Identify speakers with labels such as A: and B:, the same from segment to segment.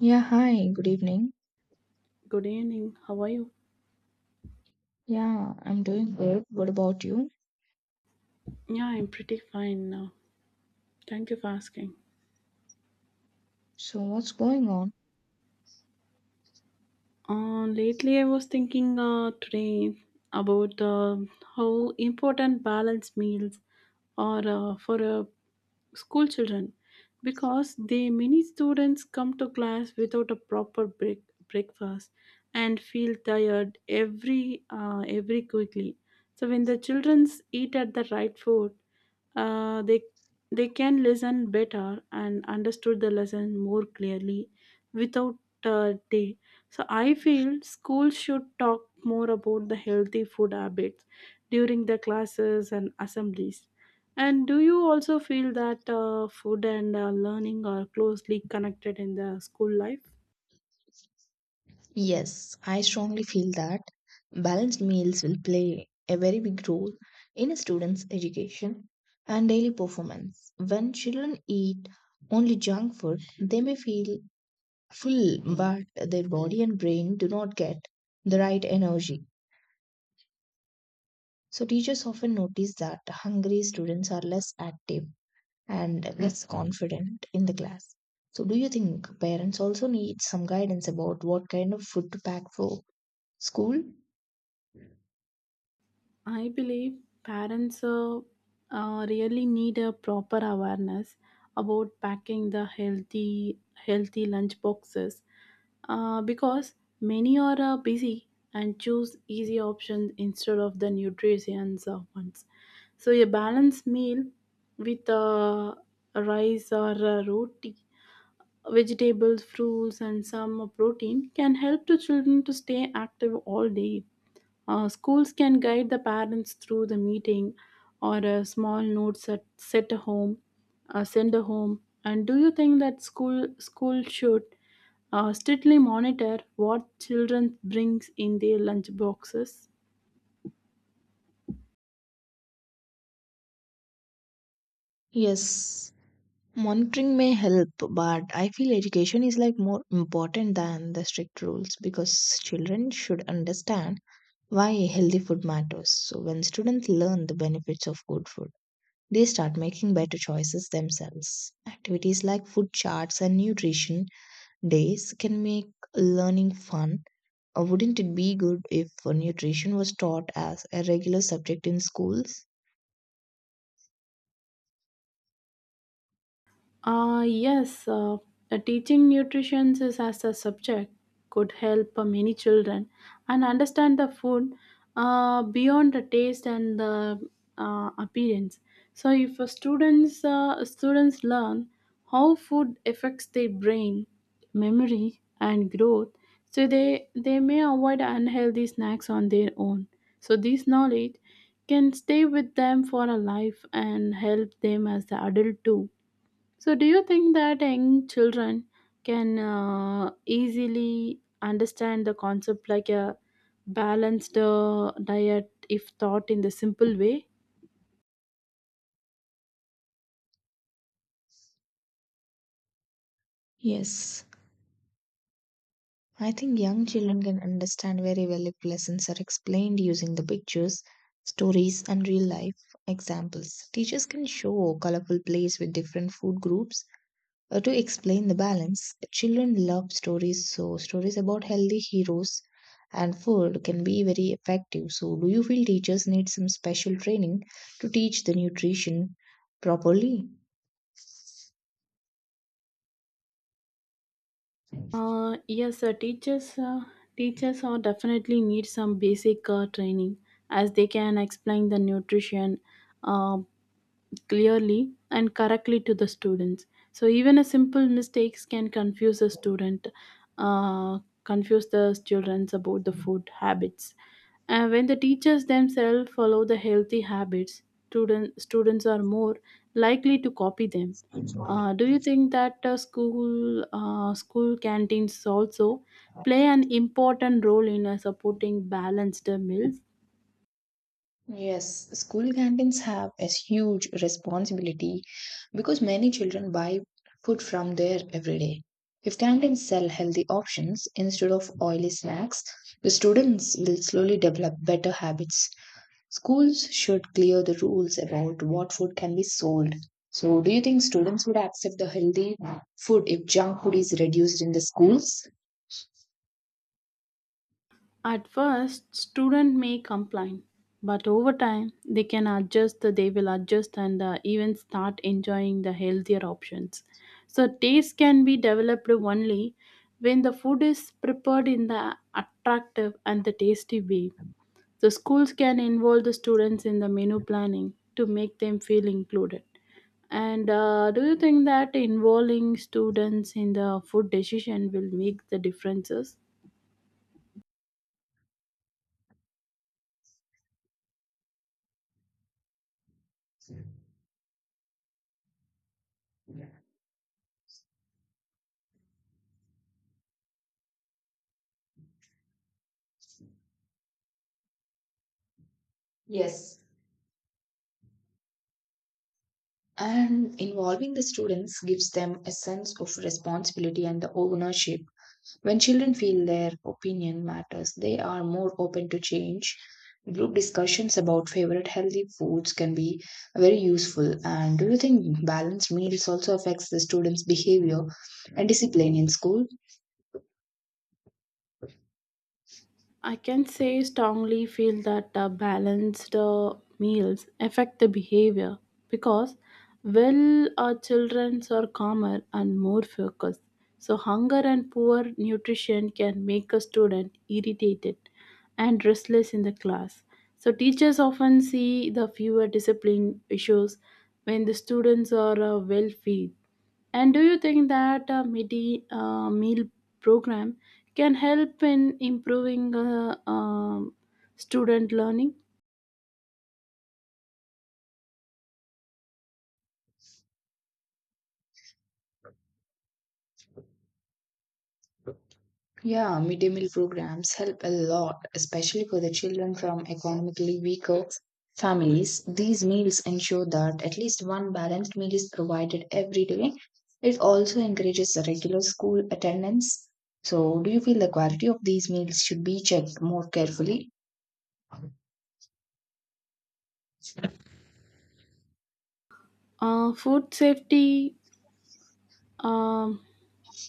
A: Yeah, hi, good evening.
B: Good evening. How are you?
A: Yeah, I'm doing good. What about you?
B: Yeah, I'm pretty fine now. Thank you for asking.
A: So, what's going on?
B: Lately, I was thinking today about how important balanced meals are for school children because they many students come to class without a proper breakfast and feel tired every quickly. So when the children eat at the right food, uh, they they can listen better and understood the lesson more clearly without day. So I feel schools should talk more about the healthy food habits during the classes and assemblies. And do you also feel that food and learning are closely connected in the school life?
A: Yes, I strongly feel that balanced meals will play a very big role in a student's education and daily performance. When children eat only junk food, they may feel full, but their body and brain do not get the right energy. So, teachers often notice that hungry students are less active and less confident in the class. So, do you think parents also need some guidance about what kind of food to pack for school?
B: I believe parents really need a proper awareness about packing the healthy lunch boxes because many are busy and choose easy options instead of the nutritious ones. So a balanced meal with rice or roti, vegetables, fruits, and some protein can help the children to stay active all day. Schools can guide the parents through the meeting or a small notes at set a home, send a home. And do you think that school should strictly monitor what children brings in their lunch boxes?
A: Yes, monitoring may help, but I feel education is like more important than the strict rules because children should understand why healthy food matters. So when students learn the benefits of good food, they start making better choices themselves. Activities like food charts and nutrition days can make learning fun. Wouldn't it be good if nutrition was taught as a regular subject in schools?
B: Yes, teaching nutrition is as a subject could help many children and understand the food beyond the taste and the appearance. So, if a students learn how food affects their brain, memory, and growth, so they may avoid unhealthy snacks on their own. So, this knowledge can stay with them for a life and help them as the adult too. So, do you think that young children can easily understand the concept like a balanced diet if taught in the simple way?
A: Yes, I think young children can understand very well if lessons are explained using the pictures, stories, and real life examples. Teachers can show colorful plates with different food groups to explain the balance. Children love stories, so stories about healthy heroes and food can be very effective. So, do you feel teachers need some special training to teach the nutrition properly?
B: Yes, teachers are definitely need some basic training as they can explain the nutrition, uh, clearly and correctly to the students so even a simple mistakes can confuse the student uh, confuse the students about the food habits and when the teachers themselves follow the healthy habits students are more likely to copy them. Do you think that school canteens also play an important role in supporting balanced meals?
A: Yes, school canteens have a huge responsibility because many children buy food from there every day. If canteens sell healthy options instead of oily snacks, the students will slowly develop better habits. Schools should clear the rules about what food can be sold. So, do you think students would accept the healthy food if junk food is reduced in the schools?
B: At first, student may complain, but over time, they can adjust. They will adjust and even start enjoying the healthier options. So taste can be developed only when the food is prepared in the attractive and the tasty way. The schools can involve the students in the menu planning to make them feel included. And do you think that involving students in the food decision will make the differences?
A: Yes, and involving the students gives them a sense of responsibility and the ownership. When children feel their opinion matters, they are more open to change. Group discussions about favorite healthy foods can be very useful. And do you think balanced meals also affects the students behavior and discipline in school?
B: I can say strongly feel that balanced meals affect the behavior because well our childrens are calmer and more focused. So hunger and poor nutrition can make a student irritated and restless in the class. So teachers often see the fewer discipline issues when the students are well fed. And do you think that a midi meal program can help in improving student learning?
A: Yeah, midday meal programs help a lot, especially for the children from economically weaker families. These meals ensure that at least one balanced meal is provided every day. It also encourages a regular school attendance. So, do you feel the quality of these meals should be checked more carefully?
B: Food safety, um,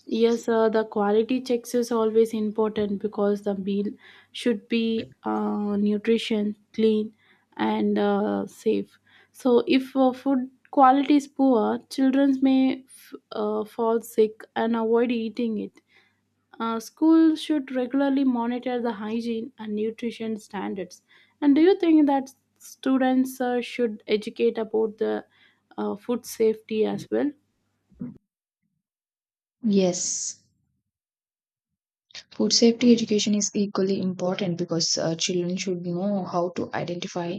B: yes, the quality checks is always important because the meal should be nutrition, clean, and safe. So, if food quality is poor, children may fall sick and avoid eating it. Schools should regularly monitor the hygiene and nutrition standards. And do you think that students should educate about the food safety as well?
A: Yes. Food safety education is equally important because children should know how to identify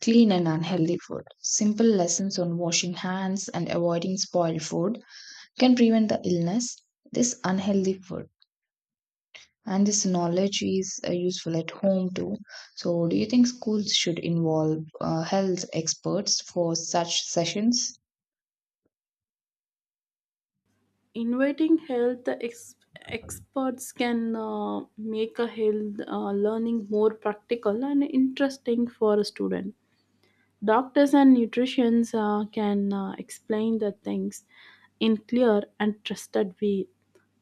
A: clean and unhealthy food. Simple lessons on washing hands and avoiding spoiled food can prevent the illness, this unhealthy food. And this knowledge is useful at home too. So, do you think schools should involve health experts for such sessions?
B: Inviting experts can make a health learning more practical and interesting for a student. Doctors and nutritionists can explain the things in clear and trusted way.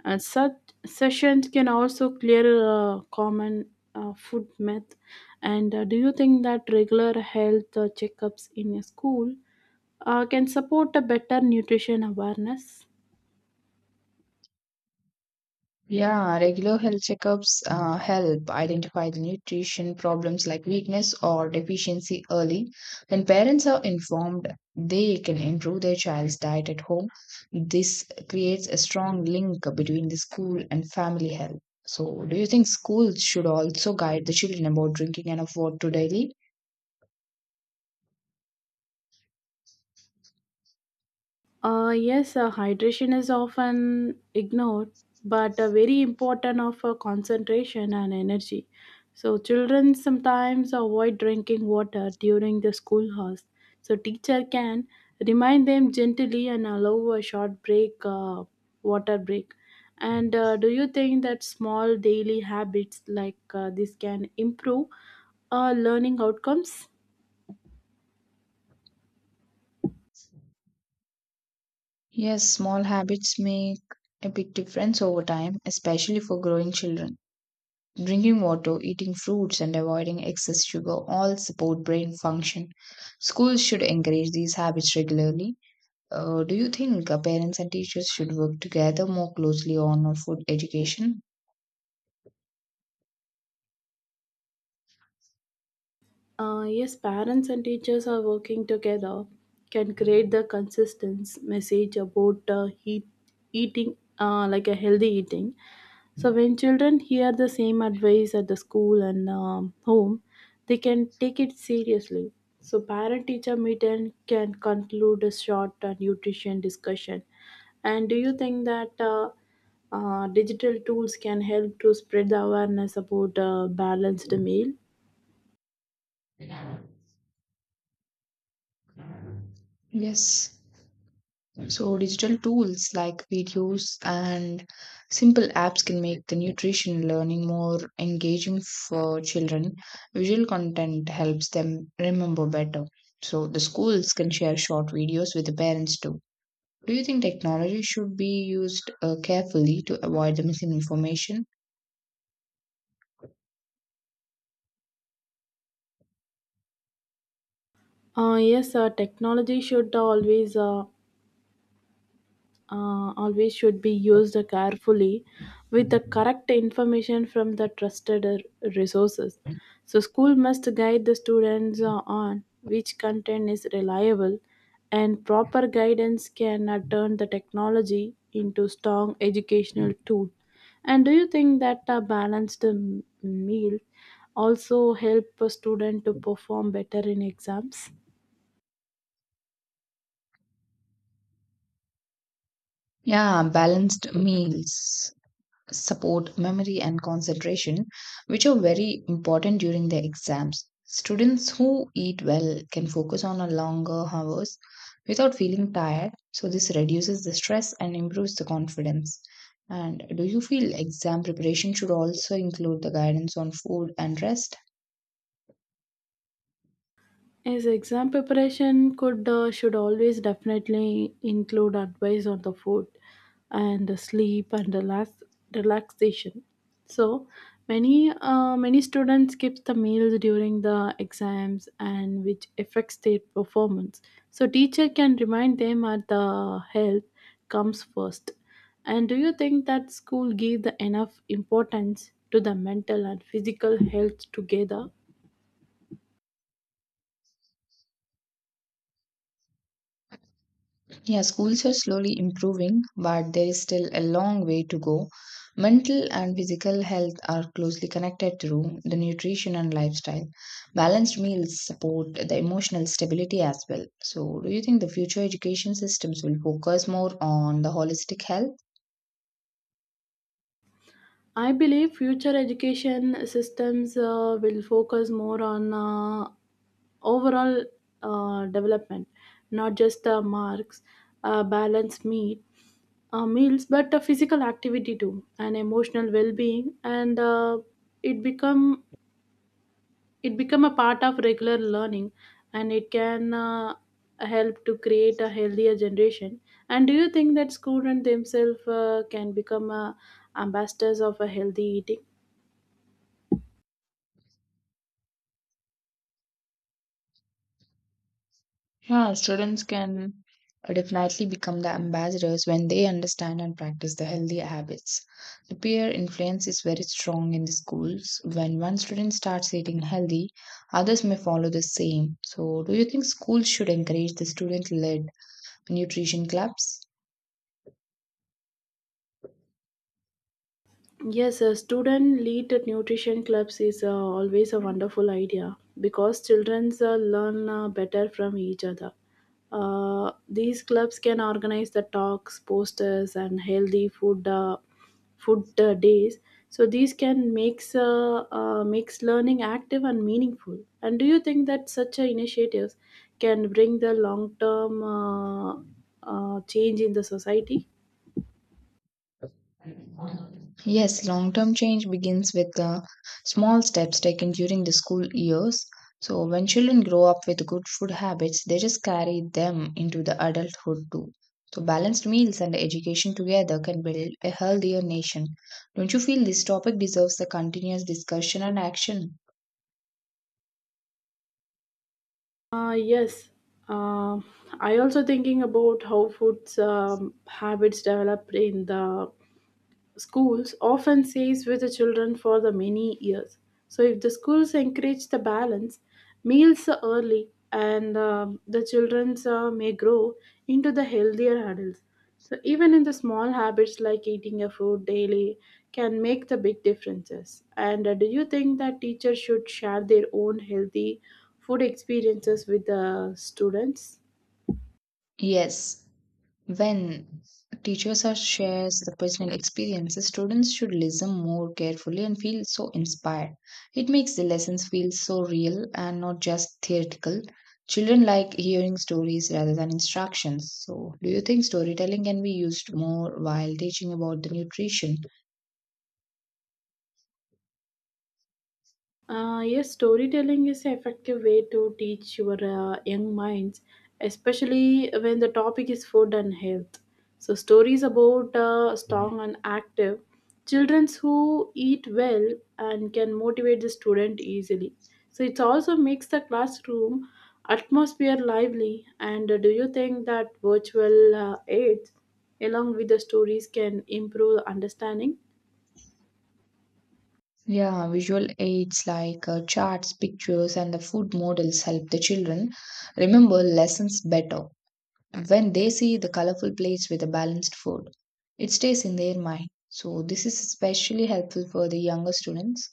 B: And such sessions can also clear common food myth. And do you think that regular health checkups in a school can support a better nutrition awareness?
A: Yeah, regular health checkups help identify the nutrition problems like weakness or deficiency early. When parents are informed, they can improve their child's diet at home. This creates a strong link between the school and family health. So, do you think schools should also guide the children about drinking enough water daily?
B: Yes, hydration is often ignored, but very important of concentration and energy. So children sometimes avoid drinking water during the school hours. So teacher can remind them gently and allow a short break, water break. And do you think that small daily habits like this can improve learning outcomes?
A: Yes, small habits make a big difference over time, especially for growing children. Drinking water, eating fruits, and avoiding excess sugar all support brain function. Schools should encourage these habits regularly. Do you think parents and teachers should work together more closely on food education?
B: Yes, parents and teachers are working together can create the consistent message about eating, like a healthy eating. So when children hear the same advice at the school and home, they can take it seriously. So parent-teacher meeting can conclude a short nutrition discussion. And do you think that digital tools can help to spread the awareness about balanced meal?
A: Yes. So, digital tools like videos and simple apps can make the nutrition learning more engaging for children. Visual content helps them remember better. So, the schools can share short videos with the parents too. Do you think technology should be used carefully to avoid the misinformation?
B: Yes, technology should always always should be used carefully with the correct information from the trusted resources. So school must guide the students on which content is reliable and proper guidance can turn the technology into strong educational tool. And do you think that a balanced meal also help a student to perform better in exams?
A: Yeah, balanced meals support memory and concentration, which are very important during the exams. Students who eat well can focus on a longer hours without feeling tired, so this reduces the stress and improves the confidence. And do you feel exam preparation should also include the guidance on food and rest?
B: As exam preparation could should always definitely include advice on the food and the sleep and the last relaxation. So many students skip the meals during the exams and which affects their performance. So teacher can remind them that the health comes first. And do you think that school give the enough importance to the mental and physical health together?
A: Yeah, schools are slowly improving, but there is still a long way to go. Mental and physical health are closely connected through the nutrition and lifestyle. Balanced meals support the emotional stability as well. So, do you think the future education systems will focus more on the holistic health?
B: I believe future education systems will focus more on overall development, not just marks, balanced meals, but physical activity too, and emotional well-being, and it become it become a part of regular learning, and it can help to create a healthier generation. And do you think that students themselves can become ambassadors of a healthy eating?
A: Yeah, students can definitely become the ambassadors when they understand and practice the healthy habits. The peer influence is very strong in the schools. When one student starts eating healthy, others may follow the same. So, do you think schools should encourage the student led nutrition clubs?
B: Yes, a student led nutrition clubs is always a wonderful idea because children learn better from each other. These clubs can organize the talks, posters, and healthy food days. So these can makes learning active and meaningful. And do you think that such initiatives can bring the long term change in the society?
A: Yes, long term change begins with the small steps taken during the school years. So, when children grow up with good food habits, they just carry them into the adulthood too. So, balanced meals and education together can build a healthier nation. Don't you feel this topic deserves a continuous discussion and action?
B: Yes, Um I also thinking about how food's habits developed in the schools often stays with the children for the many years. So if the schools encourage the balance, meals early and the children may grow into the healthier adults. So even in the small habits like eating a food daily can make the big differences. And do you think that teachers should share their own healthy food experiences with the students?
A: Yes. When teachers are shares the personal experiences, students should listen more carefully and feel so inspired. It makes the lessons feel so real and not just theoretical. Children like hearing stories rather than instructions. So, do you think storytelling can be used more while teaching about the nutrition?
B: Yes, storytelling is an effective way to teach your young minds, especially when the topic is food and health. So, stories about strong and active children who eat well and can motivate the student easily. So, it also makes the classroom atmosphere lively. And do you think that virtual aids, along with the stories, can improve understanding?
A: Yeah, visual aids like charts, pictures, and the food models help the children remember lessons better when they see the colorful plates with the balanced food. It stays in their mind. So, this is especially helpful for the younger students.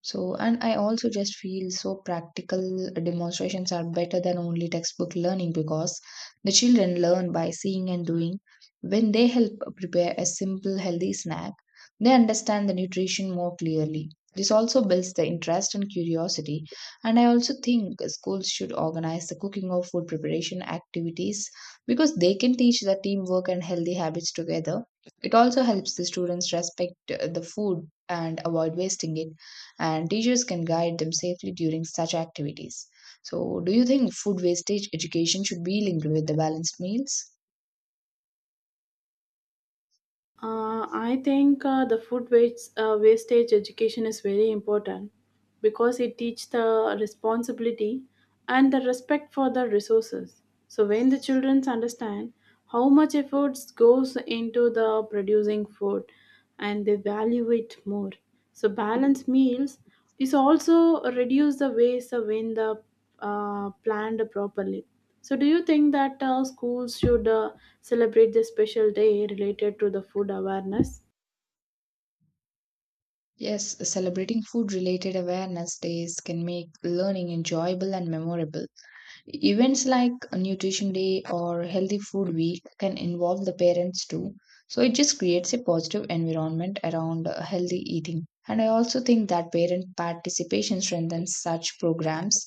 A: So, and I also just feel so practical demonstrations are better than only textbook learning because the children learn by seeing and doing. When they help prepare a simple healthy snack, they understand the nutrition more clearly. This also builds the interest and curiosity. And I also think schools should organize the cooking or food preparation activities because they can teach the teamwork and healthy habits together. It also helps the students respect the food and avoid wasting it, and teachers can guide them safely during such activities. So, do you think food wastage education should be linked with the balanced meals?
B: I think the food wastage education is very important because it teaches the responsibility and the respect for the resources. So when the children understand how much efforts goes into the producing food and they value it more. So balanced meals is also reduce the waste when the planned properly. So, do you think that schools should celebrate this special day related to the food awareness?
A: Yes, celebrating food related awareness days can make learning enjoyable and memorable. Events like Nutrition Day or Healthy Food Week can involve the parents too. So it just creates a positive environment around healthy eating. And I also think that parent participation strengthens such programs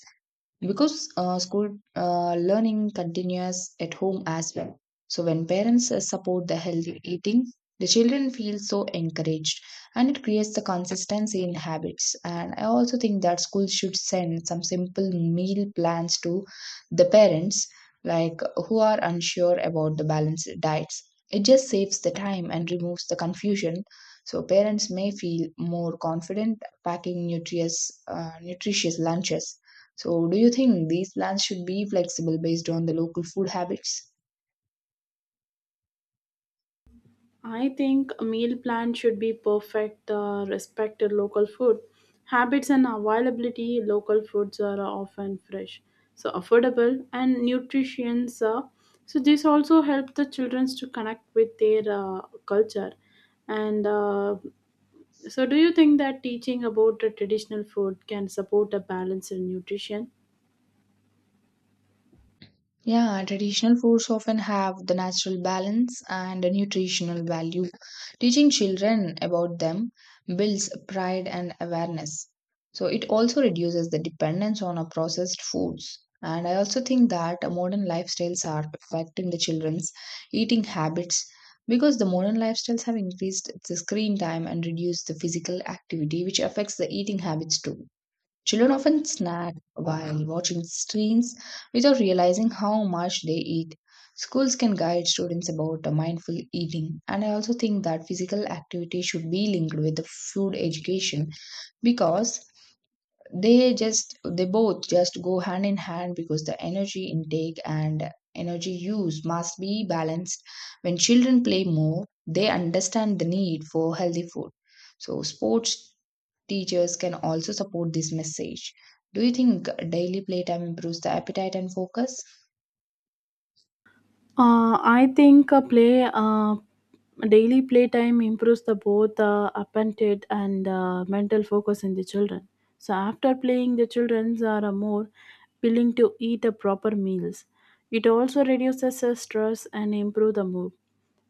A: because school learning continues at home as well. So when parents support the healthy eating, the children feel so encouraged, and it creates the consistency in habits. And I also think that schools should send some simple meal plans to the parents, like, who are unsure about the balanced diets. It just saves the time and removes the confusion. So parents may feel more confident packing nutritious lunches. So, do you think these plans should be flexible based on the local food habits?
B: I think a meal plan should be perfect, respect the local food habits and availability. Local foods are often fresh, so affordable and nutritious. So this also helps the children to connect with their culture. And so, do you think that teaching about the traditional food can support a balanced nutrition?
A: Yeah, traditional foods often have the natural balance and a nutritional value. Teaching children about them builds pride and awareness. So, it also reduces the dependence on our processed foods. And I also think that modern lifestyles are affecting the children's eating habits because the modern lifestyles have increased the screen time and reduced the physical activity, which affects the eating habits too. Children often snack while watching screens without realizing how much they eat. Schools can guide students about mindful eating, and I also think that physical activity should be linked with the food education because they both just go hand in hand because the energy intake and energy use must be balanced. When children play more, they understand the need for healthy food. So sports teachers can also support this message. Do you think daily playtime improves the appetite and focus?
B: I think a daily playtime improves the both appetite and mental focus in the children. So after playing, the children are more willing to eat the proper meals. It also reduces the stress and improve the mood.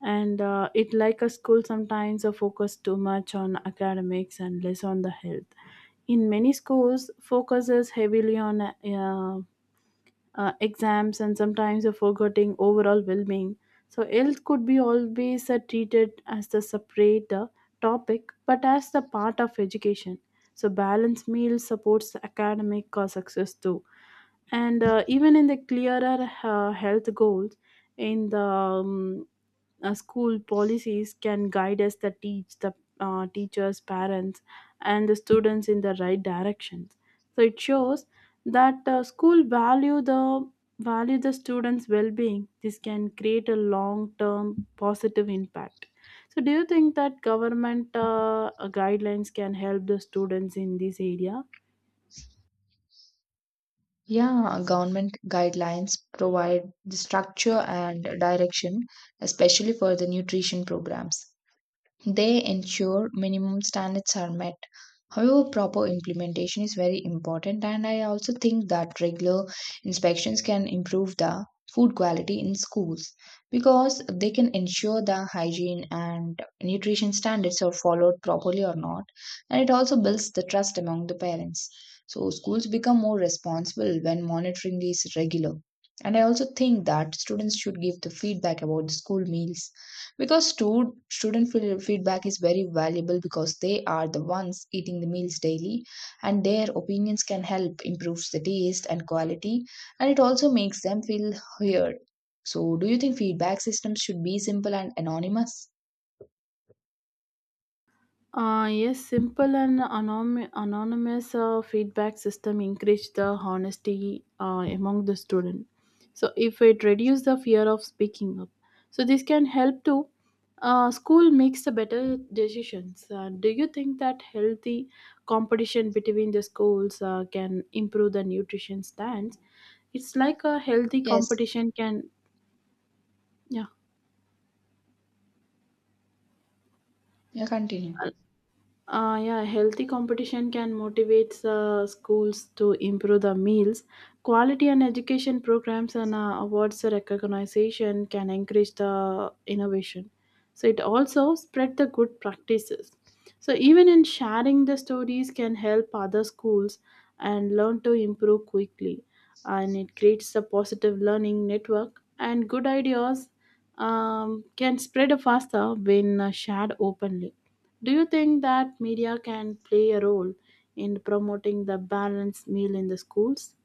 B: And it like a school sometimes focus too much on academics and less on the health. In many schools, focuses heavily on exams and sometimes a forgetting overall well-being. So health could be always treated as a separate topic, but as the part of education. So balanced meal supports academic success too, and even in the clearer health goals in the school policies can guide us the teach the teachers parents and the students in the right directions. So it shows that school value the students well-being. This can create a long-term positive impact. So do you think that government guidelines can help the students in this area?
A: Yeah, government guidelines provide the structure and direction, especially for the nutrition programs. They ensure minimum standards are met. However, proper implementation is very important, and I also think that regular inspections can improve the food quality in schools because they can ensure the hygiene and nutrition standards are followed properly or not, and it also builds the trust among the parents. So, schools become more responsible when monitoring is regular. And I also think that students should give the feedback about the school meals because feedback is very valuable because they are the ones eating the meals daily, and their opinions can help improve the taste and quality, and it also makes them feel heard. So do you think feedback systems should be simple and anonymous?
B: Yes, simple and anonymous feedback system encourage the honesty among the student. So if it reduce the fear of speaking up, so this can help to school makes the better decisions. Do you think that healthy competition between the schools can improve the nutrition stands? It's like a healthy
A: Yes,
B: competition can, yeah.
A: yeah, continue.
B: Yeah, healthy competition can motivate schools to improve the meals. Quality and education programs and awards recognition can encourage the innovation. So it also spread the good practices. So even in sharing the stories can help other schools and learn to improve quickly. And it creates a positive learning network and good ideas can spread faster when shared openly. Do you think that media can play a role in promoting the balanced meal in the schools?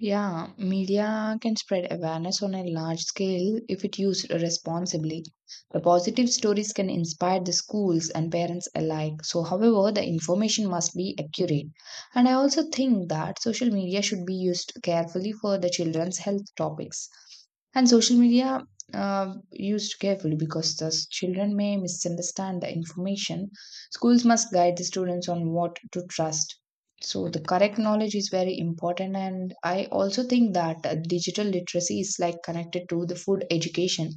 A: Yeah, media can spread awareness on a large scale if it used responsibly. The positive stories can inspire the schools and parents alike. So, however, the information must be accurate. And I also think that social media should be used carefully for the children's health topics. And social media used carefully because the children may misunderstand the information. Schools must guide the students on what to trust so the correct knowledge is very important, and I also think that digital literacy is like connected to the food education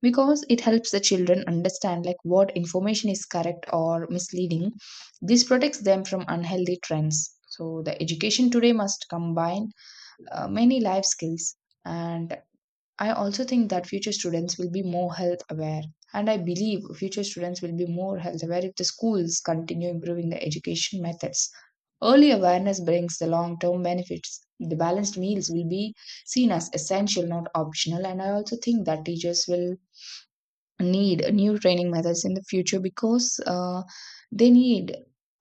A: because it helps the children understand like what information is correct or misleading. This protects them from unhealthy trends. So the education today must combine many life skills, and I also think that future students will be more health aware. And I believe future students will be more health aware if the schools continue improving the education methods. Early awareness brings the long term benefits. The balanced meals will be seen as essential, not optional. And I also think that teachers will need new training methods in the future because they need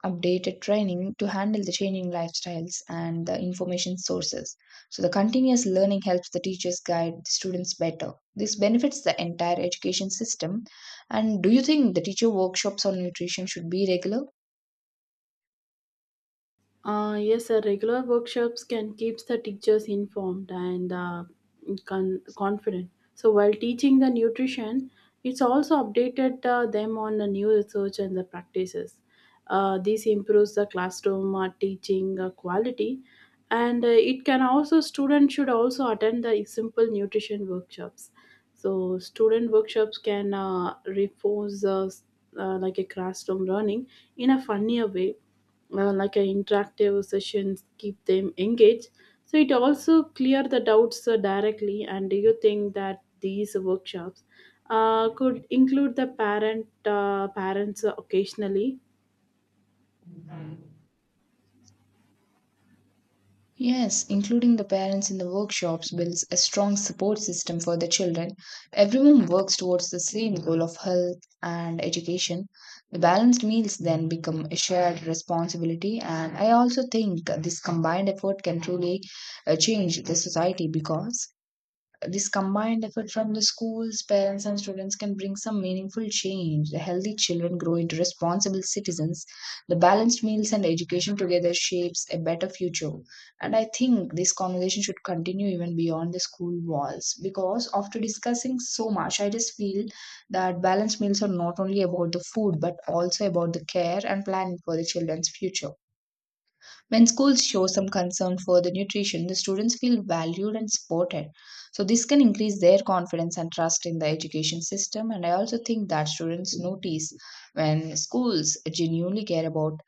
A: updated training to handle the changing lifestyles and the information sources. So, the continuous learning helps the teachers guide the students better. This benefits the entire education system. And do you think the teacher workshops on nutrition should be regular?
B: Yes, sir. Regular workshops can keeps the teachers informed and confident. So while teaching the nutrition, it's also updated them on the new research and the practices. This improves the classroom teaching quality, and it can also students should also attend the simple nutrition workshops. So student workshops can reinforce like a classroom learning in a funnier way, like an interactive sessions keep them engaged. So it also clear the doubts directly. And do you think that these workshops could include the parents occasionally?
A: Yes, including the parents in the workshops builds a strong support system for the children. Everyone works towards the same goal of health and education. The balanced meals then become a shared responsibility, and I also think this combined effort can truly change the society because this combined effort from the schools, parents, and students can bring some meaningful change. The healthy children grow into responsible citizens. The balanced meals and education together shapes a better future. And I think this conversation should continue even beyond the school walls because after discussing so much, I just feel that balanced meals are not only about the food but also about the care and planning for the children's future. When schools show some concern for the nutrition, the students feel valued and supported. So, this can increase their confidence and trust in the education system. And I also think that students notice when schools genuinely care about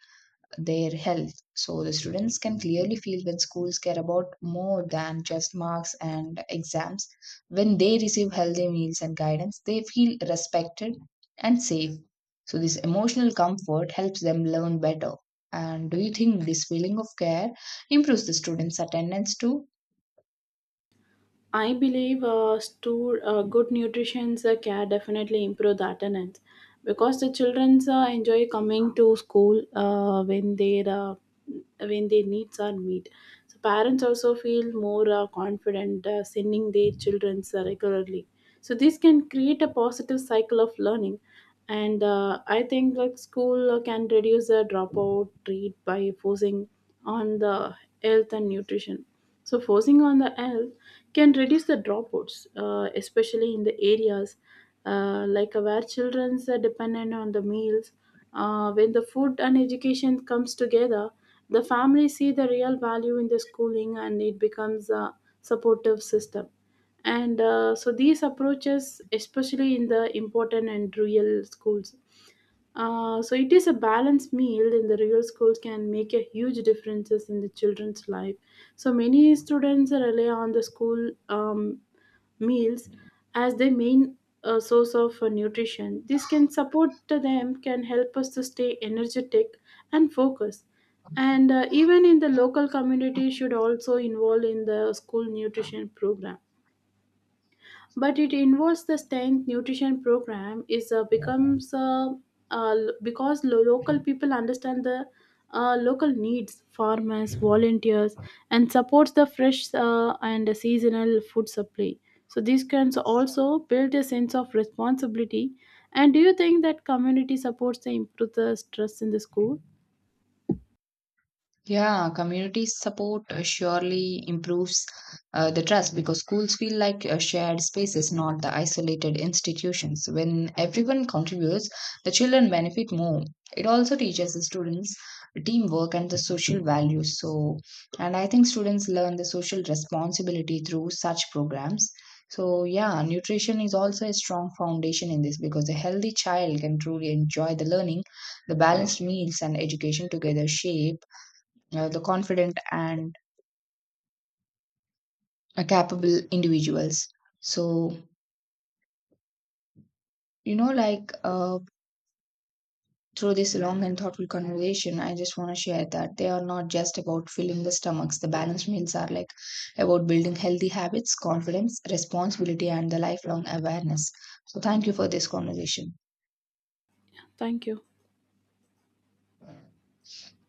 A: their health. So the students can clearly feel when schools care about more than just marks and exams. When they receive healthy meals and guidance, they feel respected and safe. So this emotional comfort helps them learn better. And do you think this feeling of care improves the students' attendance too?
B: I believe good nutrition can definitely improve the attendance because the children enjoy coming to school when their when their needs are met. So parents also feel more confident sending their children regularly. So this can create a positive cycle of learning, and I think like school can reduce the dropout rate by forcing on the health and nutrition. So, focusing on the health can reduce the dropouts, especially in the areas where children are dependent on the meals. When the food and education comes together, the families see the real value in the schooling and it becomes a supportive system. And so these approaches, especially in the important and rural schools. So it is a balanced meal in the real schools can make a huge differences in the children's life. So many students rely on the school meals as their main source of nutrition. This can support to them can help us to stay energetic and focused. And even in the local community should also involve in the school nutrition program, but it involves the strength nutrition program is becomes uh, because local people understand the local needs, farmers volunteers and supports the fresh and seasonal food supply. So this can also build a sense of responsibility. And do you think that community supports the improve the stress in the school?
A: Yeah, community support surely improves the trust because schools feel like shared spaces, not the isolated institutions. When everyone contributes, the children benefit more. It also teaches the students teamwork and the social values. So, and I think students learn the social responsibility through such programs. So, yeah, nutrition is also a strong foundation in this because a healthy child can truly enjoy the learning, the balanced meals, and education together shape the confident and capable individuals. So, you know, like uh, through this long and thoughtful conversation, I just want to share that they are not just about filling the stomachs. The balanced meals are like about building healthy habits, confidence, responsibility, and the lifelong awareness. So, thank you for this conversation.
B: Thank you.